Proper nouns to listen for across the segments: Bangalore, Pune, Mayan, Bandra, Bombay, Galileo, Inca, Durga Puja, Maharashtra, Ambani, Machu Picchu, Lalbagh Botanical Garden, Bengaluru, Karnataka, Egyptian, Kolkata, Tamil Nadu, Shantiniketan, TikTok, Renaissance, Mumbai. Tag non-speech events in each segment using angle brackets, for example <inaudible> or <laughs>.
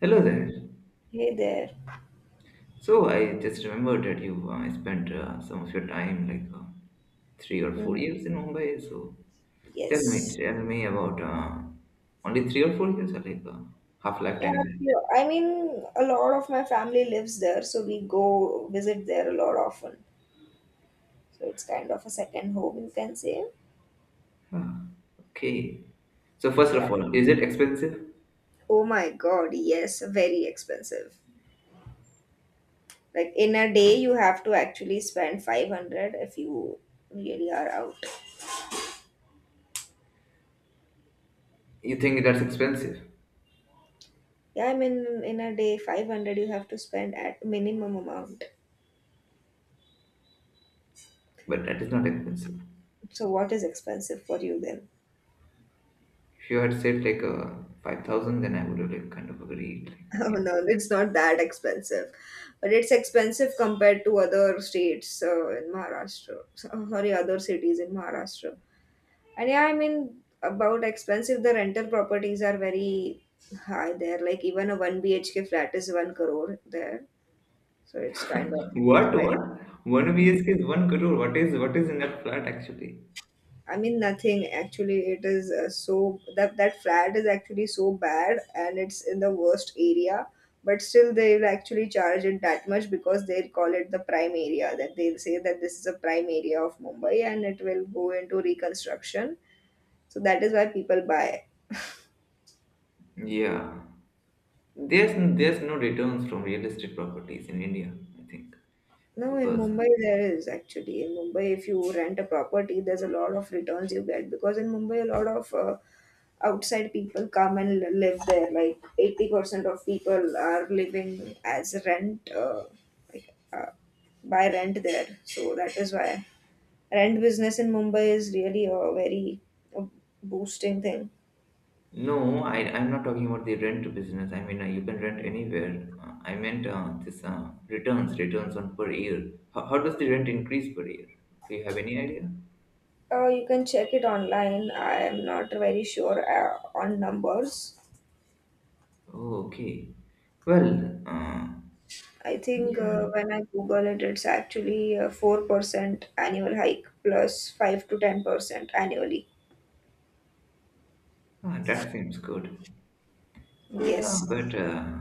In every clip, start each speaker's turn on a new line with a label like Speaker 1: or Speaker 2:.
Speaker 1: Hello there.
Speaker 2: Hey there.
Speaker 1: So I just remembered that you spent some of your time, like three or four
Speaker 2: Mhm.
Speaker 1: years in Mumbai. So tell me,
Speaker 2: Yes.
Speaker 1: tell me about only 3 or 4 years, or like half
Speaker 2: Yeah,
Speaker 1: lifetime. Then?
Speaker 2: yeah, I mean, a lot of my family lives there, so we go visit there a lot often. So it's kind of a second home, you can say.
Speaker 1: Ah, okay. So first
Speaker 2: Yeah.
Speaker 1: of all, is it expensive?
Speaker 2: Oh my God, yes, very expensive. Like in a day, you have to actually spend 500 if you really are out.
Speaker 1: You think that's expensive,
Speaker 2: Yeah, I mean, in a day, 500 you have to spend at minimum amount.
Speaker 1: but that is not expensive.
Speaker 2: So what is expensive for you then?
Speaker 1: If you had said like 5,000, then I would have like kind of agreed.
Speaker 2: <laughs>
Speaker 1: Like,
Speaker 2: Oh
Speaker 1: yeah.
Speaker 2: no, it's not that expensive, but it's expensive compared to other states in Maharashtra. Oh, sorry, other cities in Maharashtra. And yeah, I mean about expensive, the rental properties are very high there. Like even a one BHK flat is one crore there, so it's kind of.
Speaker 1: What? What? One BSK is one crore. What is in that flat actually?
Speaker 2: I mean nothing actually, it is so that flat is actually so bad, and it's in the worst area, but still they will actually charge it that much because they'll call it the prime area. That they'll say that this is a prime area of Mumbai and it will go into reconstruction, so that is why people buy.
Speaker 1: Yeah. There's no returns from real estate properties in India, I think,
Speaker 2: No, in
Speaker 1: because
Speaker 2: Mumbai there is actually. In Mumbai, if you rent a property, there's a lot of returns you get because in Mumbai, a lot of outside people come and live there. Like 80% of people are living as rent, like, by rent there. So that is why rent business in Mumbai is really a very uh, boosting thing.
Speaker 1: no, I'm not talking about the rent business. I mean, you can rent anywhere. I meant this returns on per year. How does the rent increase per year? Do you have any idea?
Speaker 2: You can check it online. I am not very sure on numbers.
Speaker 1: Oh, okay. Well,
Speaker 2: I think
Speaker 1: yeah,
Speaker 2: when I Google it, it's actually a 4% annual hike plus 5 to 10% annually.
Speaker 1: that seems good. Yeah, but
Speaker 2: Yes.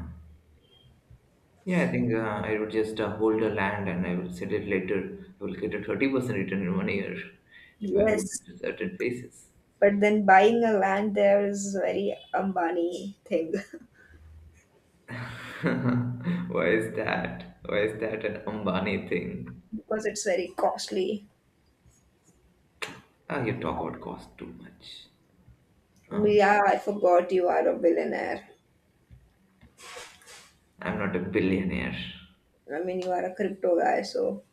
Speaker 1: yeah, I think I would just hold the land and I will sell it later. I will get a 30% return in one year if I hold
Speaker 2: Yes.
Speaker 1: it to certain places.
Speaker 2: But then buying a land there is very Ambani thing
Speaker 1: <laughs> Why is that? Why is that an Ambani thing?
Speaker 2: <laughs> because it's very costly.
Speaker 1: Ah, you talk about cost too much. Huh?
Speaker 2: Yeah, I forgot you are a billionaire.
Speaker 1: I'm not a billionaire.
Speaker 2: I mean, you are a crypto guy, so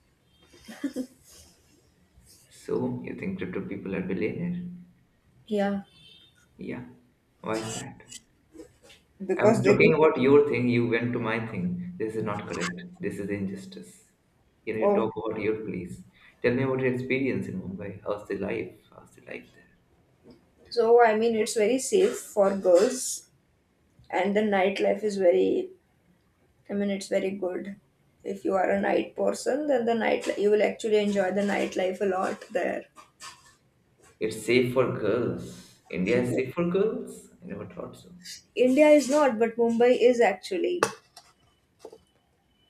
Speaker 1: So, you think crypto people are billionaire?
Speaker 2: yeah.
Speaker 1: Yeah. Why is that? I was
Speaker 2: Because they
Speaker 1: talking
Speaker 2: do.
Speaker 1: about your thing, you went to my thing. This is not correct. This is injustice. Can You need to
Speaker 2: Oh.
Speaker 1: talk about your place. Tell me about your experience in Mumbai. How's the life? How's the life there?
Speaker 2: So, I mean, it's very safe for girls, and the nightlife is very, I mean, it's very good. If you are a night person, then the night you will actually enjoy the nightlife a lot there.
Speaker 1: It's safe for girls. India is
Speaker 2: Yes.
Speaker 1: safe for girls? I never thought so.
Speaker 2: India is not, but Mumbai is actually.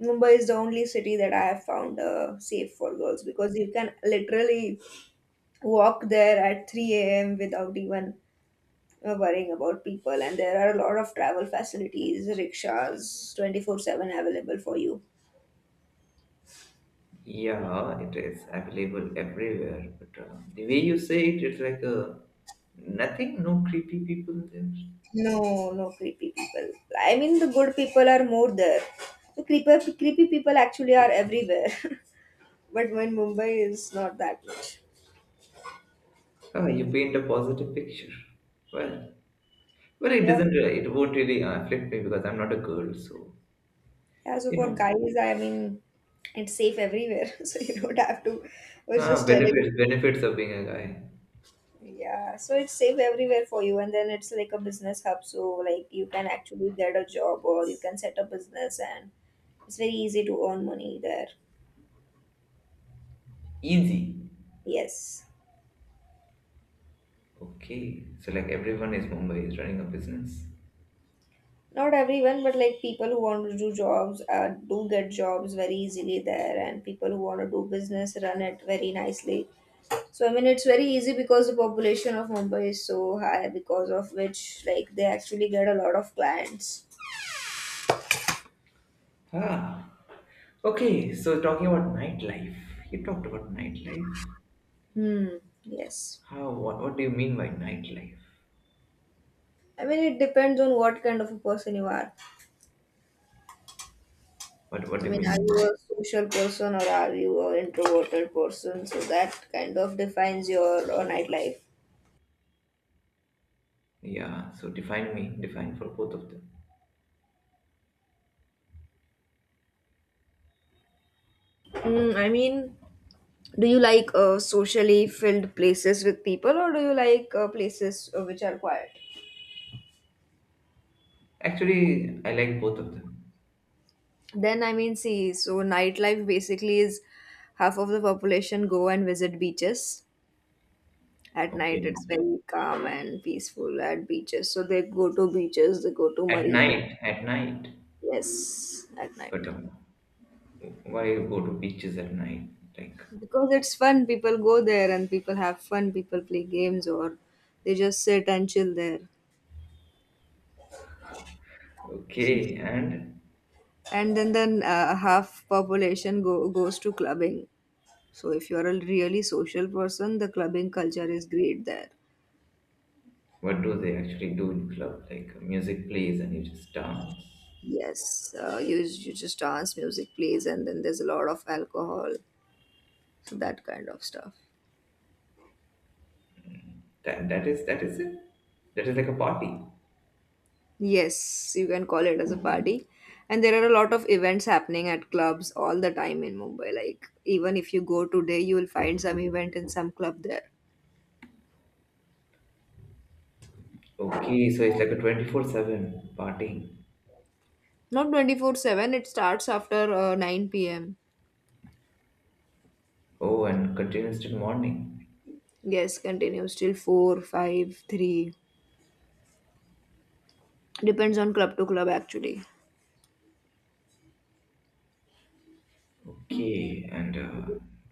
Speaker 2: Mumbai is the only city that I have found safe for girls because you can literally walk there at 3 a.m. without even worrying about people, and there are a lot of travel facilities, rickshaws, 24/7 available for you.
Speaker 1: Yeah, it is available everywhere. But the way you say it, it's like a nothing, no creepy people there.
Speaker 2: No, no creepy people. I mean, the good people are more there. The creepy, creepy people actually are everywhere. <laughs> But when Mumbai is not that much.
Speaker 1: Ah, you paint a positive picture. Well, it
Speaker 2: Yeah.
Speaker 1: doesn't. It won't really affect me because I'm not a girl, so.
Speaker 2: Yeah, so
Speaker 1: You
Speaker 2: for
Speaker 1: know,
Speaker 2: guys, I mean, it's safe everywhere. <laughs> So you don't have to. I was
Speaker 1: ah,
Speaker 2: just telling.
Speaker 1: benefits, benefits of being a guy.
Speaker 2: Yeah, so it's safe everywhere for you. And then it's like a business hub. So, like, you can actually get a job or you can set up business and it's very easy to earn money there.
Speaker 1: Easy.
Speaker 2: Yes.
Speaker 1: Okay, so like everyone is Mumbai is running a business.
Speaker 2: Not everyone, but like people who want to do jobs do get jobs very easily there, and people who want to do business run it very nicely. So I mean, it's very easy because the population of Mumbai is so high, because of which like they actually get a lot of clients.
Speaker 1: Ah, okay. So talking about nightlife, you talked about nightlife.
Speaker 2: Hmm. Yes.
Speaker 1: How? What? What do you mean by nightlife?
Speaker 2: I mean, it depends on what kind of a person you are.
Speaker 1: What?
Speaker 2: I
Speaker 1: What do you
Speaker 2: mean, are
Speaker 1: mean?
Speaker 2: you a social person or are you an introverted person? So that kind of defines your nightlife.
Speaker 1: Yeah. So define me. Define for both of them.
Speaker 2: I mean, do you like socially filled places with people, or do you like places which are quiet?
Speaker 1: Actually, I like both of them.
Speaker 2: Then I mean, see, so nightlife basically is half of the population go and visit beaches at
Speaker 1: Okay.
Speaker 2: night. It's very calm and peaceful at beaches. So they go to beaches, they go to
Speaker 1: At
Speaker 2: marine.
Speaker 1: night. At night.
Speaker 2: Yes, at night,
Speaker 1: But why you go to beaches at night? Like,
Speaker 2: because it's fun. People go there and people have fun. People play games or they just sit and chill there.
Speaker 1: okay, and.
Speaker 2: And then half population go goes to clubbing. So if you're a really social person, the clubbing culture is great there.
Speaker 1: What do they actually do in club? Like music plays and you just dance.
Speaker 2: Yes, you just dance, music plays, and then there's a lot of alcohol, so that kind of stuff.
Speaker 1: That that is it. That is like a party.
Speaker 2: Yes, you can call it as a party. And there are a lot of events happening at clubs all the time in Mumbai. Like even if you go today, you will find some event in some club there.
Speaker 1: Okay, so it's like a 24/7 partying.
Speaker 2: Not 24/7, it starts after 9 p.m.
Speaker 1: Oh, and continues till morning.
Speaker 2: Yes, continues till 4, 5, 3. Depends on club to club actually.
Speaker 1: Okay, and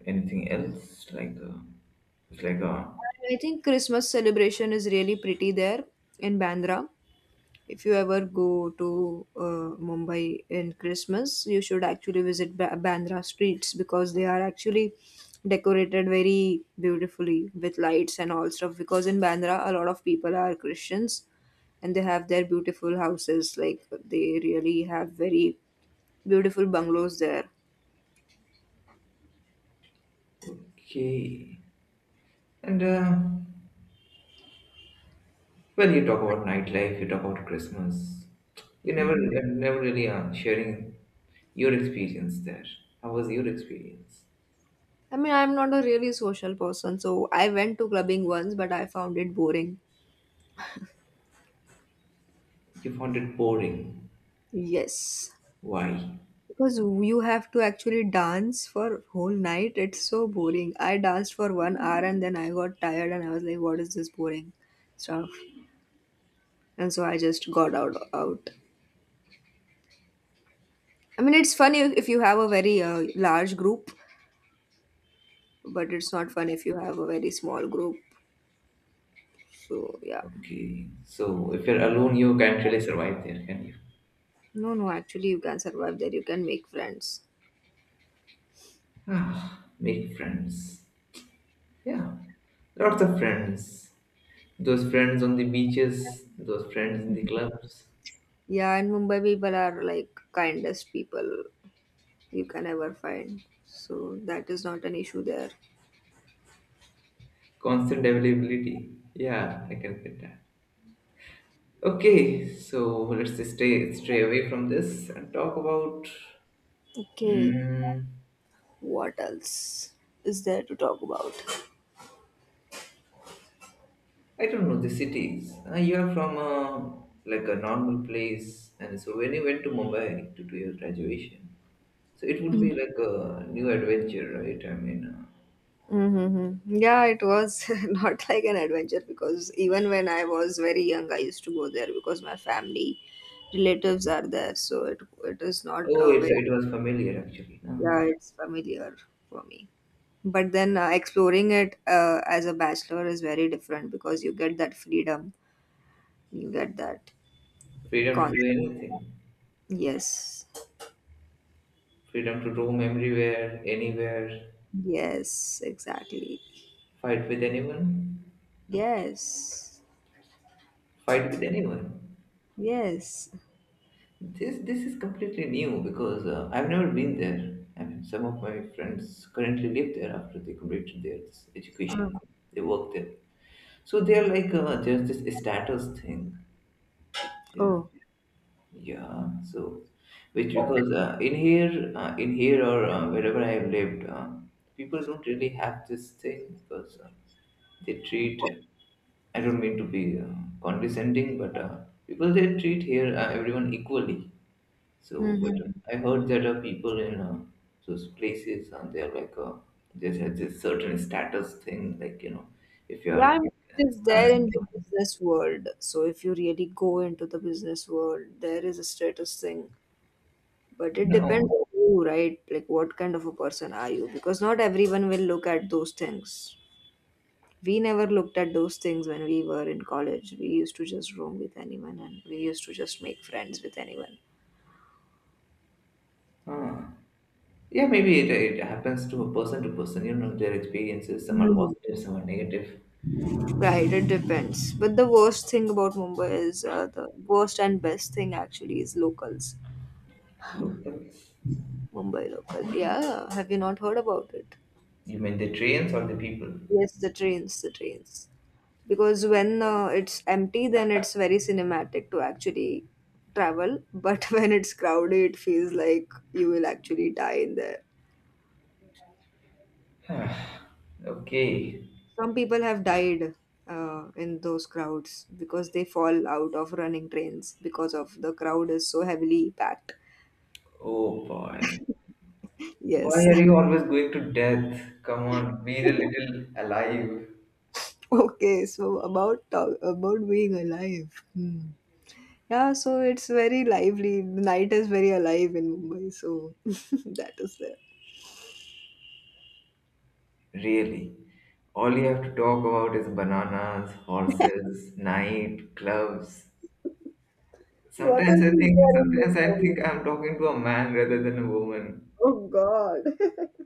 Speaker 1: anything else like it's like
Speaker 2: And I think Christmas celebration is really pretty there in Bandra. If you ever go to Mumbai in Christmas, you should actually visit Bandra streets because they are actually decorated very beautifully with lights and all stuff. Because in Bandra, a lot of people are Christians and they have their beautiful houses. Like they really have very beautiful bungalows there.
Speaker 1: okay, and well, you talk about nightlife, you talk about Christmas. You never really sharing your experience there. How was your experience?
Speaker 2: I mean, I'm not a really social person, so I went to clubbing once, but I found it boring.
Speaker 1: You found it boring.
Speaker 2: Yes,
Speaker 1: Why?
Speaker 2: because you have to actually dance for whole night. It's so boring. I danced for 1 hour and then I got tired and I was like, "What is this boring stuff?" And so I just got out. Out. I mean, it's funny if you have a very large group, but it's not fun if you have a very small group. So yeah,
Speaker 1: Okay. So if you're alone, you can't really survive there, can you?
Speaker 2: no, no. Actually, you can survive there. You can make friends.
Speaker 1: Ah, make friends. Yeah, lots of friends. Those friends on the beaches, those friends in the clubs.
Speaker 2: Yeah, and Mumbai people are like kindest people you can ever find. So that is not an issue there.
Speaker 1: Constant availability. Yeah, I can get that. Okay, so let's just stay stray away from this and talk about.
Speaker 2: Okay.
Speaker 1: Mm,
Speaker 2: What else is there to talk about?
Speaker 1: I don't know the cities. You are from a, like a normal place, and so when you went to Mumbai to do your graduation, so it would be like a new adventure, right? I mean,
Speaker 2: Mm-hmm. Yeah, it was <laughs> not like an adventure because even when I was very young, I used to go there because my family relatives are there, so it is not
Speaker 1: oh,
Speaker 2: a
Speaker 1: it
Speaker 2: very.
Speaker 1: it was familiar actually. No?
Speaker 2: Yeah, it's familiar for me. But then exploring it as a bachelor is very different because you get that freedom, you get that
Speaker 1: Freedom to do
Speaker 2: concept.
Speaker 1: anything,
Speaker 2: Yes,
Speaker 1: freedom to roam everywhere, anywhere,
Speaker 2: yes, exactly.
Speaker 1: fight with anyone,
Speaker 2: Yes,
Speaker 1: fight with anyone.
Speaker 2: yes.
Speaker 1: This is completely new because I've never been there. I mean, some of my friends currently live there after they completed their
Speaker 2: Um,
Speaker 1: education. They work there. So they're like there's this status thing, which yeah,
Speaker 2: Oh.
Speaker 1: yeah. So which because in here or wherever I've lived, people don't really have this thing because they treat. I don't mean to be condescending, but people they treat here everyone equally. So, but
Speaker 2: Mhm.
Speaker 1: I heard that people in those places they're like there's a this certain status thing, like if you are
Speaker 2: Yeah,
Speaker 1: like,
Speaker 2: it is there in the
Speaker 1: of-
Speaker 2: business world. So if you really go into the business world, there is a status thing. But it depends
Speaker 1: no,
Speaker 2: on you, right? Like what kind of a person are you? Because not everyone will look at those things. We never looked at those things when we were in college. We used to just roam with anyone and we used to just make friends with anyone.
Speaker 1: Uh, yeah, maybe it happens to a person to person. Their experiences. Some are
Speaker 2: Mhm.
Speaker 1: positive, some are negative.
Speaker 2: Right, it depends. But the worst thing about Mumbai is, the worst and best thing actually, is locals.
Speaker 1: Look.
Speaker 2: Mumbai local. Yeah, have you not heard about it?
Speaker 1: You mean the trains or the people?
Speaker 2: Yes, the trains, the trains. Because when it's empty, then it's very cinematic to actually travel. But <laughs> when it's crowded, it feels like you will actually die in there.
Speaker 1: Okay.
Speaker 2: Some people have died in those crowds because they fall out of running trains because of the crowd is so heavily packed.
Speaker 1: Oh boy. Why
Speaker 2: Yes.
Speaker 1: are you always going to death? Come on, be a
Speaker 2: <laughs>
Speaker 1: little alive.
Speaker 2: Okay, so about talk, about being alive. Hmm. Yeah, so it's very lively. The night is very alive in Mumbai, so <laughs> that is there.
Speaker 1: Really. All you have to talk about is bananas, horses, night, clubs.
Speaker 2: What
Speaker 1: Sometimes
Speaker 2: else
Speaker 1: I
Speaker 2: is
Speaker 1: think
Speaker 2: there in
Speaker 1: sometimes I
Speaker 2: Mumbai?
Speaker 1: think I'm talking to a man rather than a woman.
Speaker 2: Oh God. <laughs>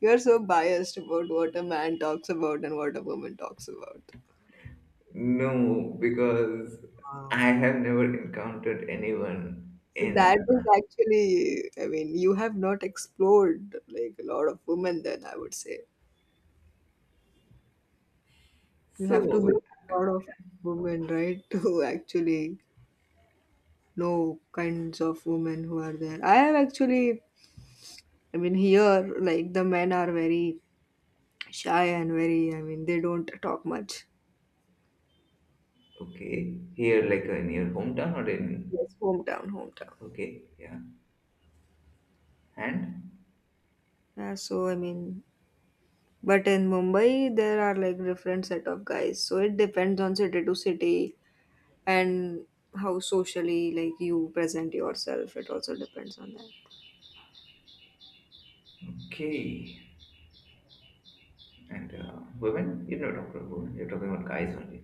Speaker 2: You're so biased about what a man talks about and what a woman talks about.
Speaker 1: No, because I have never encountered anyone
Speaker 2: So
Speaker 1: in.
Speaker 2: that is actually, I mean, you have not explored like a lot of women then, I would say. You have to meet
Speaker 1: So,
Speaker 2: a lot of women, right, <laughs> to actually know kinds of women who are there. I have actually, I mean, here, like the men are very shy and very, I mean, they don't talk much.
Speaker 1: okay, here like in your hometown or in.
Speaker 2: Yes, hometown, hometown.
Speaker 1: Okay, yeah. And?
Speaker 2: Yeah, so I mean, but in Mumbai there are like different set of guys, so it depends on city to city and how socially like you present yourself, it also depends on that.
Speaker 1: Okay. And women? You're not talking about women, you're talking about guys only.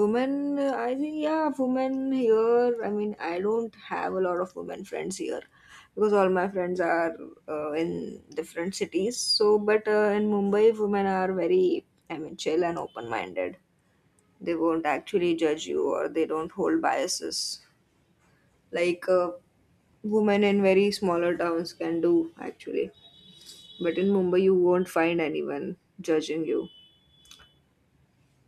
Speaker 2: Women I think, yeah, women here, I mean, I don't have a lot of women friends here because all my friends are in different cities, so but in Mumbai women are very, I mean, chill and open minded. They won't actually judge you or they don't hold biases like women in very smaller towns can do actually. But in Mumbai you won't find anyone judging you.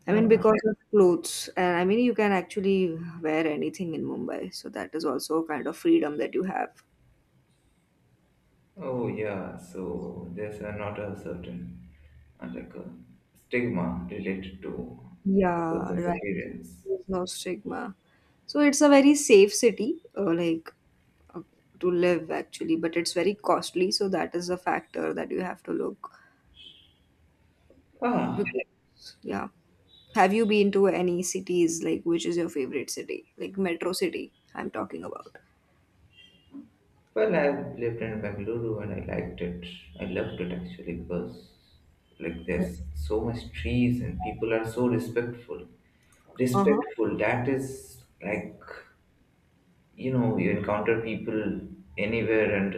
Speaker 2: I mean,
Speaker 1: Yeah.
Speaker 2: because of clothes and I mean, you can actually wear anything in Mumbai, so that is also a kind of freedom that you have.
Speaker 1: Oh, yeah. So, there's not a certain like a stigma related to
Speaker 2: Yeah,
Speaker 1: person's
Speaker 2: right,
Speaker 1: appearance.
Speaker 2: there's no stigma, so it's a very safe city like, uh, to live actually, but it's very costly, so that is a factor that you have to look.
Speaker 1: Ah,
Speaker 2: Because, yeah. Have you been to any cities? Like, which is your favorite city? Like, metro city, I'm talking about.
Speaker 1: well, I've lived in Bengaluru and I liked it. I loved it actually because like there's so much trees and people are so respectful.
Speaker 2: Uh huh.
Speaker 1: Respectful, that is like you encounter people anywhere and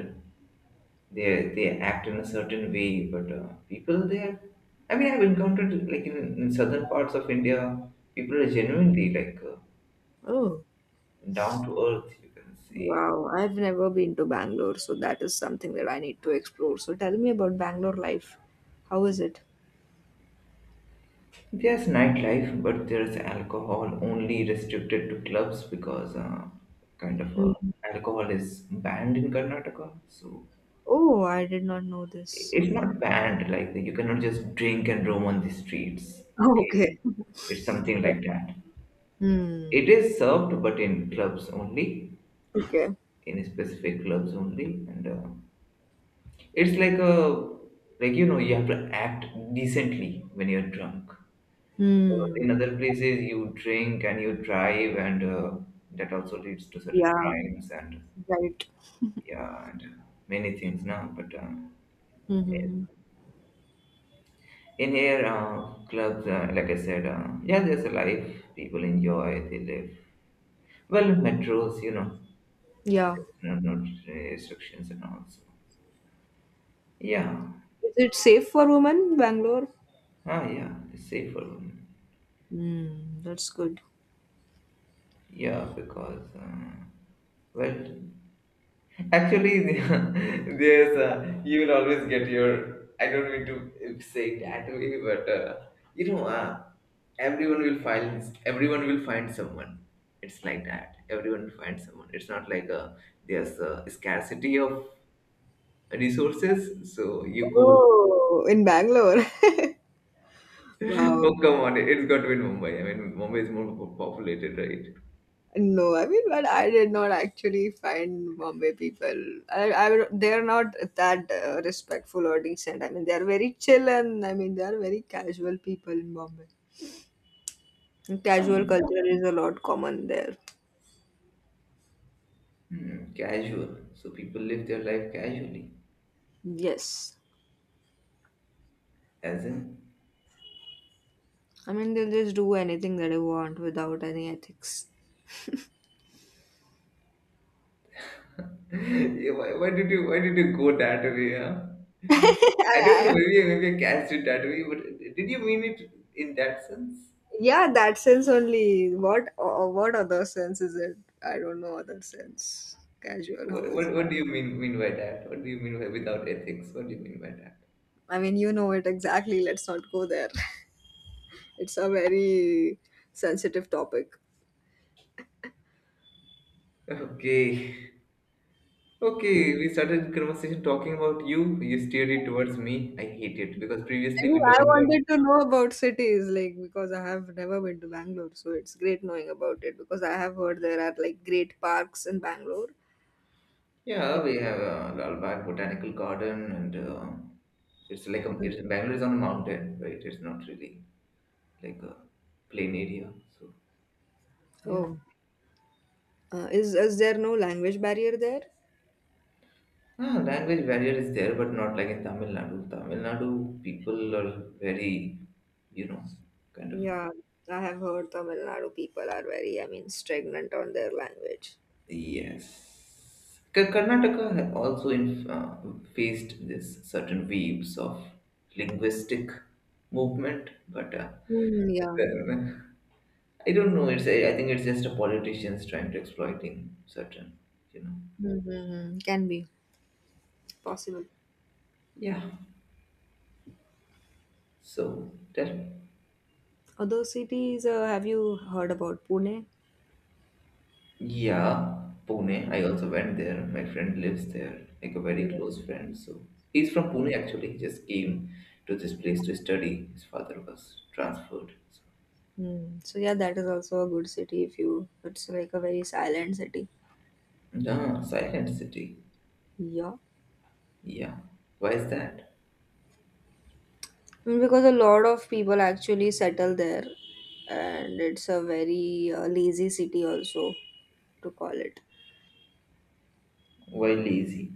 Speaker 1: they they act in a certain way, but people there I mean, I've encountered like in southern parts of India, people are genuinely like
Speaker 2: Oh,
Speaker 1: down to earth, you can say.
Speaker 2: wow. I've never been to Bangalore, so that is something that I need to explore. So tell me about Bangalore life. How is it?
Speaker 1: There's nightlife, but there's alcohol only restricted to clubs because kind of
Speaker 2: Mhm.
Speaker 1: alcohol is banned in Karnataka. So
Speaker 2: Oh, I did not know this.
Speaker 1: it's
Speaker 2: Okay.
Speaker 1: not banned, like you cannot just drink and roam on the streets.
Speaker 2: Oh,
Speaker 1: Okay,
Speaker 2: okay.
Speaker 1: it's something like that. It
Speaker 2: Hmm.
Speaker 1: is served, but in clubs only,
Speaker 2: Okay.
Speaker 1: in specific clubs only, and it's like a like you have to act decently when you're drunk. Because
Speaker 2: Hmm.
Speaker 1: in other places, you drink and you drive, and that also leads to certain
Speaker 2: Yeah.
Speaker 1: crimes and
Speaker 2: Right.
Speaker 1: yeah, and many things now. But
Speaker 2: Mm-hmm.
Speaker 1: in here, clubs, like I said, yeah, there's a life. People enjoy, they live. Well, metros,
Speaker 2: Yeah.
Speaker 1: no, no restrictions and all. So yeah,
Speaker 2: Is it safe for women, Bangalore?
Speaker 1: yeah, it's safer.
Speaker 2: Hmm. That's good.
Speaker 1: Yeah, because well, actually, <laughs> there's you will always get your. I don't mean to say it that way, but you know, uh, everyone will find someone. It's like that. Everyone will find someone. It's not like there's a scarcity of resources. So you go. <laughs>
Speaker 2: Oh, in Bangalore. <laughs> Wow.
Speaker 1: Oh come on! It's got to be in Mumbai. I mean, Mumbai is more populated, right?
Speaker 2: No, I mean, but I did not actually find Bombay people. They're not that respectful or decent. I mean, they're very chill, and I mean, they're very casual people in Bombay. And casual
Speaker 1: uh
Speaker 2: culture is a lot common there.
Speaker 1: Hmm, casual. So people live their life casually,
Speaker 2: Yes.
Speaker 1: as in.
Speaker 2: I mean, they'll just do anything that they want without any ethics.
Speaker 1: Yeah, why did you go that way? Huh? I don't know.
Speaker 2: <laughs> I,
Speaker 1: Maybe I cast it that way. But did you mean it in that sense?
Speaker 2: yeah, that sense only. What other sense is it? I don't know other sense. Casual, how
Speaker 1: What
Speaker 2: is
Speaker 1: what,
Speaker 2: it?
Speaker 1: what do you mean by that? What do you mean by without ethics? What do you mean by that?
Speaker 2: I mean, you know it exactly. Let's not go there. <laughs> It's a very sensitive topic.
Speaker 1: Okay. Okay, we started the conversation talking about you. You steered it towards me. I hate it because previously
Speaker 2: And
Speaker 1: we
Speaker 2: I
Speaker 1: talked about
Speaker 2: wanted to know about cities, like because I have never been to Bangalore, so it's great knowing about it because I have heard there are like great parks in Bangalore.
Speaker 1: yeah,
Speaker 2: Like,
Speaker 1: we have Lalbagh Botanical Garden, and it's like a, it's Bangalore is on a mountain, right? It's not really like a plain area, so yeah.
Speaker 2: oh, is there no language barrier there?
Speaker 1: Ah, language barrier is there, but not like in Tamil Nadu. Tamil Nadu people are very, you know, kind of.
Speaker 2: Yeah, I have heard Tamil Nadu people are very, I mean, stagnant on their language.
Speaker 1: Yes. Karnataka also faced this certain waves of linguistic movement, but
Speaker 2: Mm, yeah,
Speaker 1: I don't know. I think it's just a politicians trying to exploiting certain, you know.
Speaker 2: mm-hmm. Can be possible.
Speaker 1: Yeah. So tell
Speaker 2: Other cities, have you heard about Pune?
Speaker 1: Yeah, Pune. I also went there. My friend lives there, like a
Speaker 2: Yeah.
Speaker 1: very close friend. So he's from Pune actually. He just came to this place to study. His father was transferred. So,
Speaker 2: Mm. So yeah, that is also a good city if you. It's like a very silent city.
Speaker 1: yeah, silent city.
Speaker 2: Yeah,
Speaker 1: Yeah. Why is that?
Speaker 2: mm, because a lot of people actually settle there, and it's a very lazy city also to call it.
Speaker 1: Why lazy?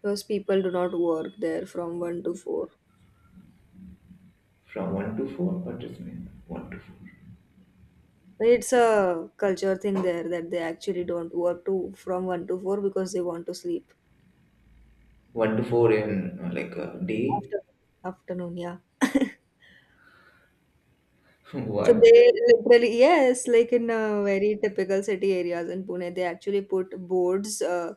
Speaker 2: Because people do not work there from one to four.
Speaker 1: From one to four? What does it mean? One to four.
Speaker 2: It's a culture thing there that they actually don't work to from one to four because they want to sleep
Speaker 1: One to four in like a day.
Speaker 2: after afternoon. Yeah. <laughs>
Speaker 1: <laughs>
Speaker 2: So
Speaker 1: What?
Speaker 2: they literally yes, like in very typical city areas in Pune, they actually put boards uh,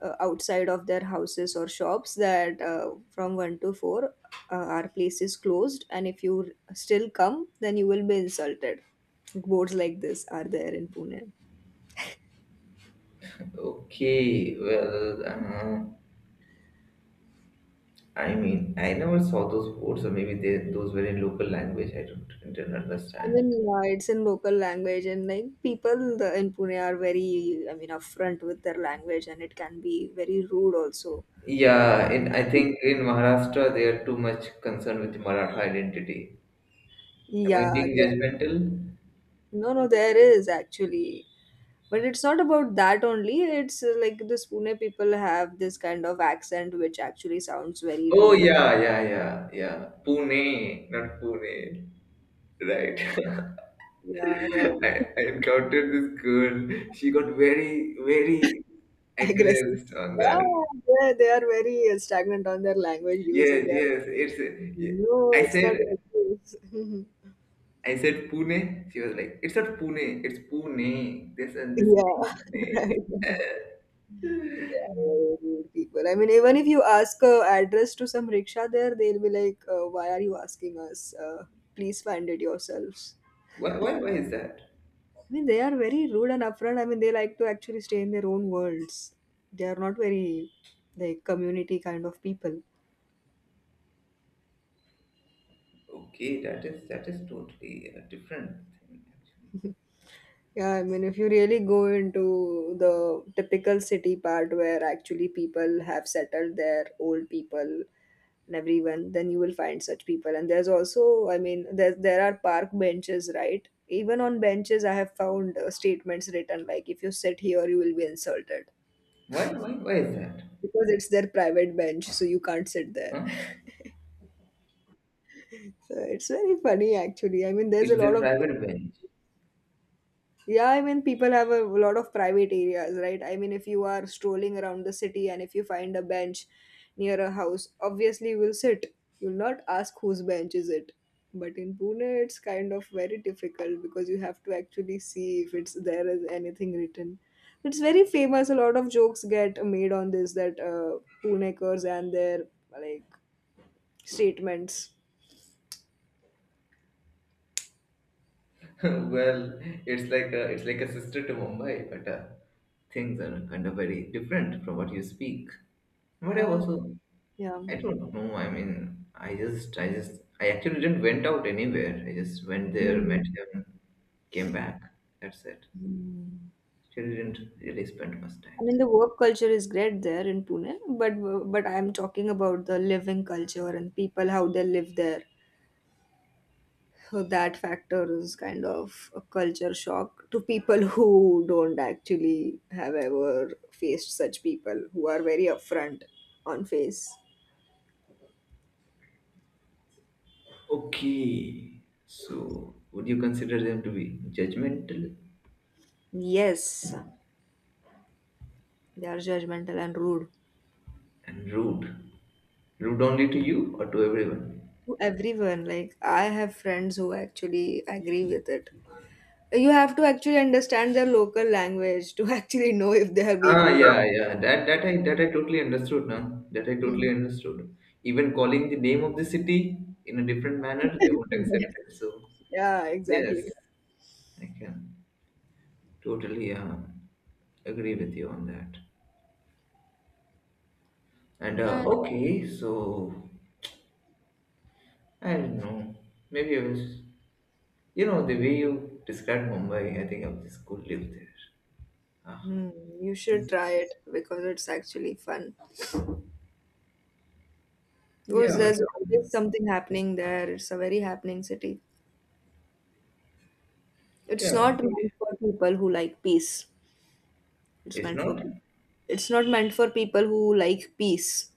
Speaker 2: uh, outside of their houses or shops that from one to four our place is closed, and if you still come, then you will be insulted. Boards like this are there in Pune.
Speaker 1: Okay. Well, I mean, I never saw those words, or maybe those were in local language. I don't didn't
Speaker 2: I mean,
Speaker 1: understand.
Speaker 2: yeah, it's in local language, and like in Pune are very, I mean, upfront with their language, and it can be very rude also.
Speaker 1: Yeah, in I think in Maharashtra they are too much concerned with Maratha identity. Am I
Speaker 2: Yeah,
Speaker 1: being
Speaker 2: there,
Speaker 1: judgmental?
Speaker 2: no, no, there is actually, but it's not about that only. It's like the Pune people have this kind of accent which actually sounds very
Speaker 1: Oh
Speaker 2: rude.
Speaker 1: yeah, yeah, yeah, yeah. Pune, not Pune. Right.
Speaker 2: Yeah,
Speaker 1: <laughs>
Speaker 2: yeah, right.
Speaker 1: I, I encountered this girl. She got very, very
Speaker 2: <laughs> Aggressive.
Speaker 1: aggressed on
Speaker 2: Yeah,
Speaker 1: that.
Speaker 2: they are very stagnant on their language use, and
Speaker 1: Yes,
Speaker 2: they are
Speaker 1: yes. It's.
Speaker 2: no,
Speaker 1: I
Speaker 2: it's not
Speaker 1: said,
Speaker 2: like this. <laughs>
Speaker 1: I said Pune. She was like, it's not Pune. It's Pune. This and this.
Speaker 2: Yeah, <laughs>
Speaker 1: Pune.
Speaker 2: right. They are
Speaker 1: <laughs>
Speaker 2: very rude people. I mean, even if you ask a address to some rickshaw there, they'll be like, "Why are you asking us? Please find it yourselves."
Speaker 1: Why is that?
Speaker 2: I mean, they are very rude and upfront. I mean, they like to actually stay in their own worlds. They are not very like community kind of people.
Speaker 1: Okay, that is totally a different thing actually.
Speaker 2: Yeah, I mean, if you really go into the typical city part where actually people have settled their old people and everyone, then you will find such people. And there's also, I mean, there are park benches, right? Even on benches, I have found statements written like, "If you sit here, you will be insulted,"
Speaker 1: Why is that?
Speaker 2: because it's their private bench, so you can't sit there.
Speaker 1: Huh?
Speaker 2: <laughs> So it's very funny, actually. I mean, there's a
Speaker 1: It's
Speaker 2: lot
Speaker 1: their
Speaker 2: of
Speaker 1: private bench.
Speaker 2: yeah, I mean, people have a lot of private areas, right? I mean, if you are strolling around the city and if you find a bench near a house, obviously you will sit. You'll not ask whose bench is it. But in Pune, it's kind of very difficult because you have to actually see if it's there is anything written. It's very famous. A lot of jokes get made on this that Punekers and their like statements.
Speaker 1: <laughs> well, it's like a sister to Mumbai, but things are kind of very different from what you speak. But
Speaker 2: Ah, yeah.
Speaker 1: I don't know. I mean, I actually didn't went out anywhere. I just went there,
Speaker 2: Hmm.
Speaker 1: met him, came back. That's it.
Speaker 2: Hmm.
Speaker 1: Actually, didn't really spend much
Speaker 2: I
Speaker 1: time
Speaker 2: mean,
Speaker 1: there.
Speaker 2: the work culture is great there in Pune, but I'm talking about the living culture and people how they live there. So that factor is kind of a culture shock to people <laughs> who don't actually have ever faced such people who are very upfront on face.
Speaker 1: Okay. So, would you consider them to be judgmental
Speaker 2: Yes, they are judgmental and rude
Speaker 1: and rude? Rude only to you or to everyone?
Speaker 2: to everyone. Like I have friends who actually agree with it. You have to actually understand their local language to <laughs> actually know if they are being
Speaker 1: Ah,
Speaker 2: rude or
Speaker 1: yeah, yeah. That I totally understood, now. That I
Speaker 2: not.
Speaker 1: totally understood. Even
Speaker 2: Yeah.
Speaker 1: calling the name of the city in a different manner, they
Speaker 2: <laughs>
Speaker 1: won't
Speaker 2: Yes.
Speaker 1: accept it. So,
Speaker 2: Yeah,
Speaker 1: yes,
Speaker 2: exactly.
Speaker 1: I can totally agree with you on that. And
Speaker 2: But
Speaker 1: okay, so I don't know. Maybe I was. The way you described Mumbai, I think I just could live there. Ah,
Speaker 2: hmm, you should
Speaker 1: it's-
Speaker 2: try it because it's actually fun.
Speaker 1: yeah,
Speaker 2: Because
Speaker 1: but
Speaker 2: there's always something happening there. It's a very happening city. It's
Speaker 1: yeah,
Speaker 2: not
Speaker 1: actually,
Speaker 2: meant for people who like peace. It's
Speaker 1: it's
Speaker 2: meant for
Speaker 1: not
Speaker 2: it's not meant for people who like peace.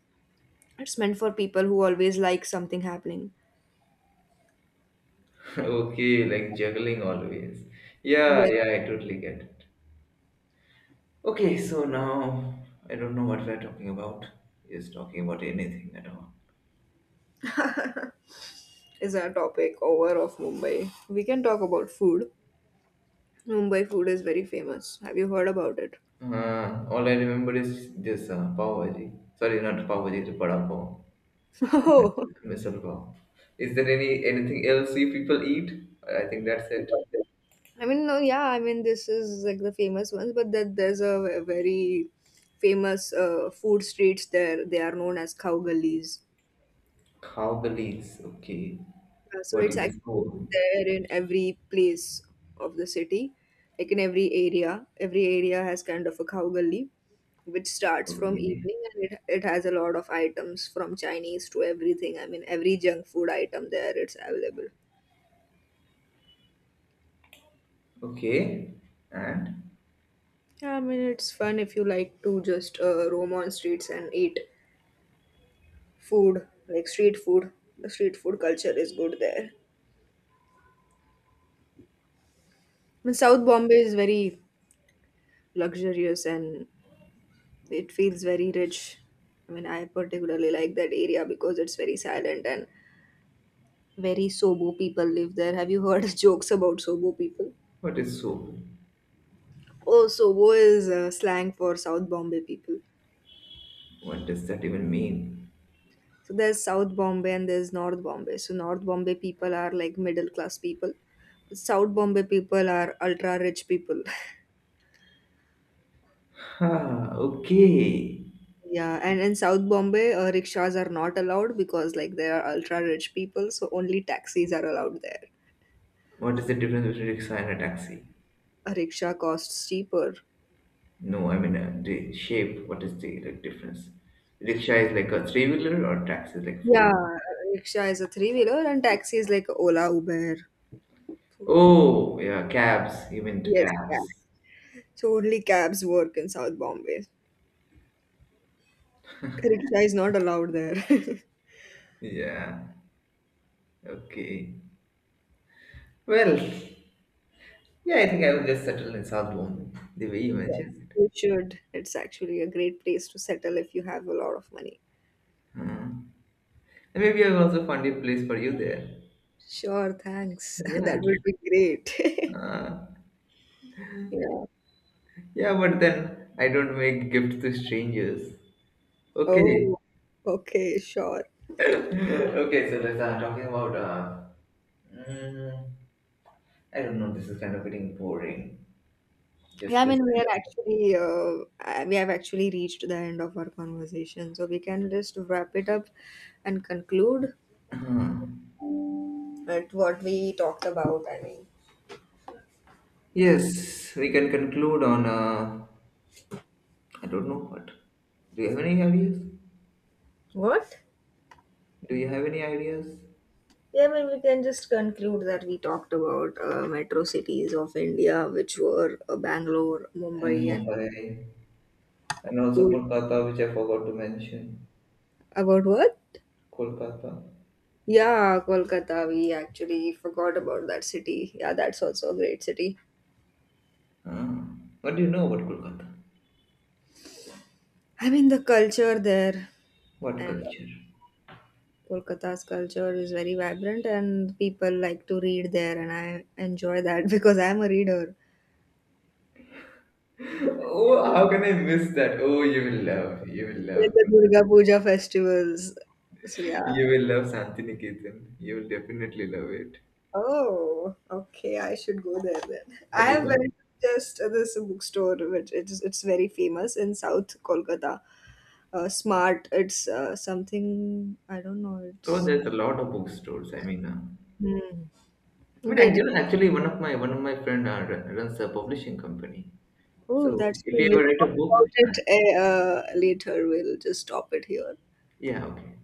Speaker 2: It's meant for people who always like something happening.
Speaker 1: <laughs> okay, like juggling always. Yeah,
Speaker 2: Yes,
Speaker 1: yeah, I totally get it. Okay, so now I don't know what we're talking about. Just talking about anything at all.
Speaker 2: is our topic over of Mumbai. We can talk about food. Mumbai food is very famous. Have you heard about it?
Speaker 1: All I remember is this pav bhaji. Sorry, not pav bhaji, it's vada pav
Speaker 2: <laughs>
Speaker 1: and
Speaker 2: Oh.
Speaker 1: misal pav. Is there anything else you people eat? I think that's it.
Speaker 2: I mean, no, yeah, I mean, this is like the famous ones, but that there's a very famous food streets there. They are known as cow gullies.
Speaker 1: Khao galis, okay.
Speaker 2: So
Speaker 1: What
Speaker 2: it's
Speaker 1: is a
Speaker 2: actually
Speaker 1: soul?
Speaker 2: there in every place of the city, like in every area. Every area has kind of a cow gully, which starts from
Speaker 1: Okay.
Speaker 2: evening and it has a lot of items from Chinese to everything. I mean, every junk food item there, it's available.
Speaker 1: Okay. And
Speaker 2: Yeah, I mean, it's fun if you like to just roam on streets and eat food like street food. The street food culture is good there. I mean, South Bombay is very luxurious and it feels very rich. I mean, I particularly like that area because it's very silent and very SoBo people live there. Have you heard <laughs> jokes about SoBo people?
Speaker 1: what is soul?
Speaker 2: Oh, SoBo is slang for South Bombay people.
Speaker 1: What does that even mean?
Speaker 2: So there's South Bombay and there's North Bombay, so North Bombay people are like middle class people. South Bombay people are ultra rich people. <laughs>
Speaker 1: Ah, okay.
Speaker 2: Yeah, and in South Bombay, rickshaws are not allowed because like they are ultra rich people, so only taxis are allowed there.
Speaker 1: What is the difference between rickshaw and a taxi?
Speaker 2: A rickshaw costs cheaper.
Speaker 1: No, I mean the shape. What is the like, difference? Rickshaw is like a three wheeler or taxi is like four
Speaker 2: Yeah,
Speaker 1: wheeler.
Speaker 2: rickshaw is a three wheeler and taxi is like Ola, Uber. So-
Speaker 1: Oh, yeah, cabs. You meant
Speaker 2: yes,
Speaker 1: cabs.
Speaker 2: cab. So only cabs work in South Bombay. Rickshaw is not allowed there. <laughs>
Speaker 1: Yeah. Okay. Well, yeah, I think I will just settle in South Bombay the way you
Speaker 2: Yes,
Speaker 1: mentioned it.
Speaker 2: you should. It's actually a great place to settle if you have a lot of money.
Speaker 1: Hmm. And maybe I will also find a place for you there.
Speaker 2: Sure, thanks. <laughs> That
Speaker 1: Yeah.
Speaker 2: would be great.
Speaker 1: Uh,
Speaker 2: <laughs> Yeah.
Speaker 1: yeah, but then I don't make gifts to strangers. Okay.
Speaker 2: Oh, okay, sure.
Speaker 1: <laughs> Okay, so let's talking about mm, I don't know, this is kind of getting boring. Just
Speaker 2: Yeah, I mean, we are
Speaker 1: listening.
Speaker 2: actually, we have actually reached the end of our conversation, so we can just wrap it up and conclude
Speaker 1: Hmm.
Speaker 2: at what we talked about. I mean,
Speaker 1: Yes, we can conclude on I don't know what. Do you have any ideas?
Speaker 2: what?
Speaker 1: Do you have any ideas?
Speaker 2: Yeah, I mean, we can just conclude that we talked about metro cities of India, which were Bangalore,
Speaker 1: And
Speaker 2: Mumbai, and
Speaker 1: Mumbai, and also
Speaker 2: Pune.
Speaker 1: Kolkata, which I forgot to mention.
Speaker 2: About what?
Speaker 1: Kolkata.
Speaker 2: Yeah, Kolkata. We actually forgot about that city. Yeah, that's also a great city.
Speaker 1: Ah, what do you know about Kolkata?
Speaker 2: I mean, the culture there.
Speaker 1: What
Speaker 2: And
Speaker 1: culture?
Speaker 2: Kolkata's culture is very vibrant and people like to read there and I enjoy that <laughs> because I'm a reader.
Speaker 1: Oh, how can I miss that? Oh,
Speaker 2: Like the Durga Puja festivals. So yeah.
Speaker 1: you will love Shantiniketan. You will definitely love it.
Speaker 2: Oh, okay. I should go there then. I
Speaker 1: Have you
Speaker 2: have went to
Speaker 1: gone?
Speaker 2: just this bookstore which it's very famous in South Kolkata. Smart. It's something I don't know.
Speaker 1: Oh,
Speaker 2: It's
Speaker 1: there's a lot of bookstores. I mean,
Speaker 2: hmm. But
Speaker 1: actually, one of my friend runs a publishing company.
Speaker 2: oh,
Speaker 1: So,
Speaker 2: that's cool.
Speaker 1: if you
Speaker 2: We'll
Speaker 1: ever write
Speaker 2: talk
Speaker 1: a book,
Speaker 2: about it
Speaker 1: uh,
Speaker 2: eh, later. We'll just stop it here.
Speaker 1: yeah, okay.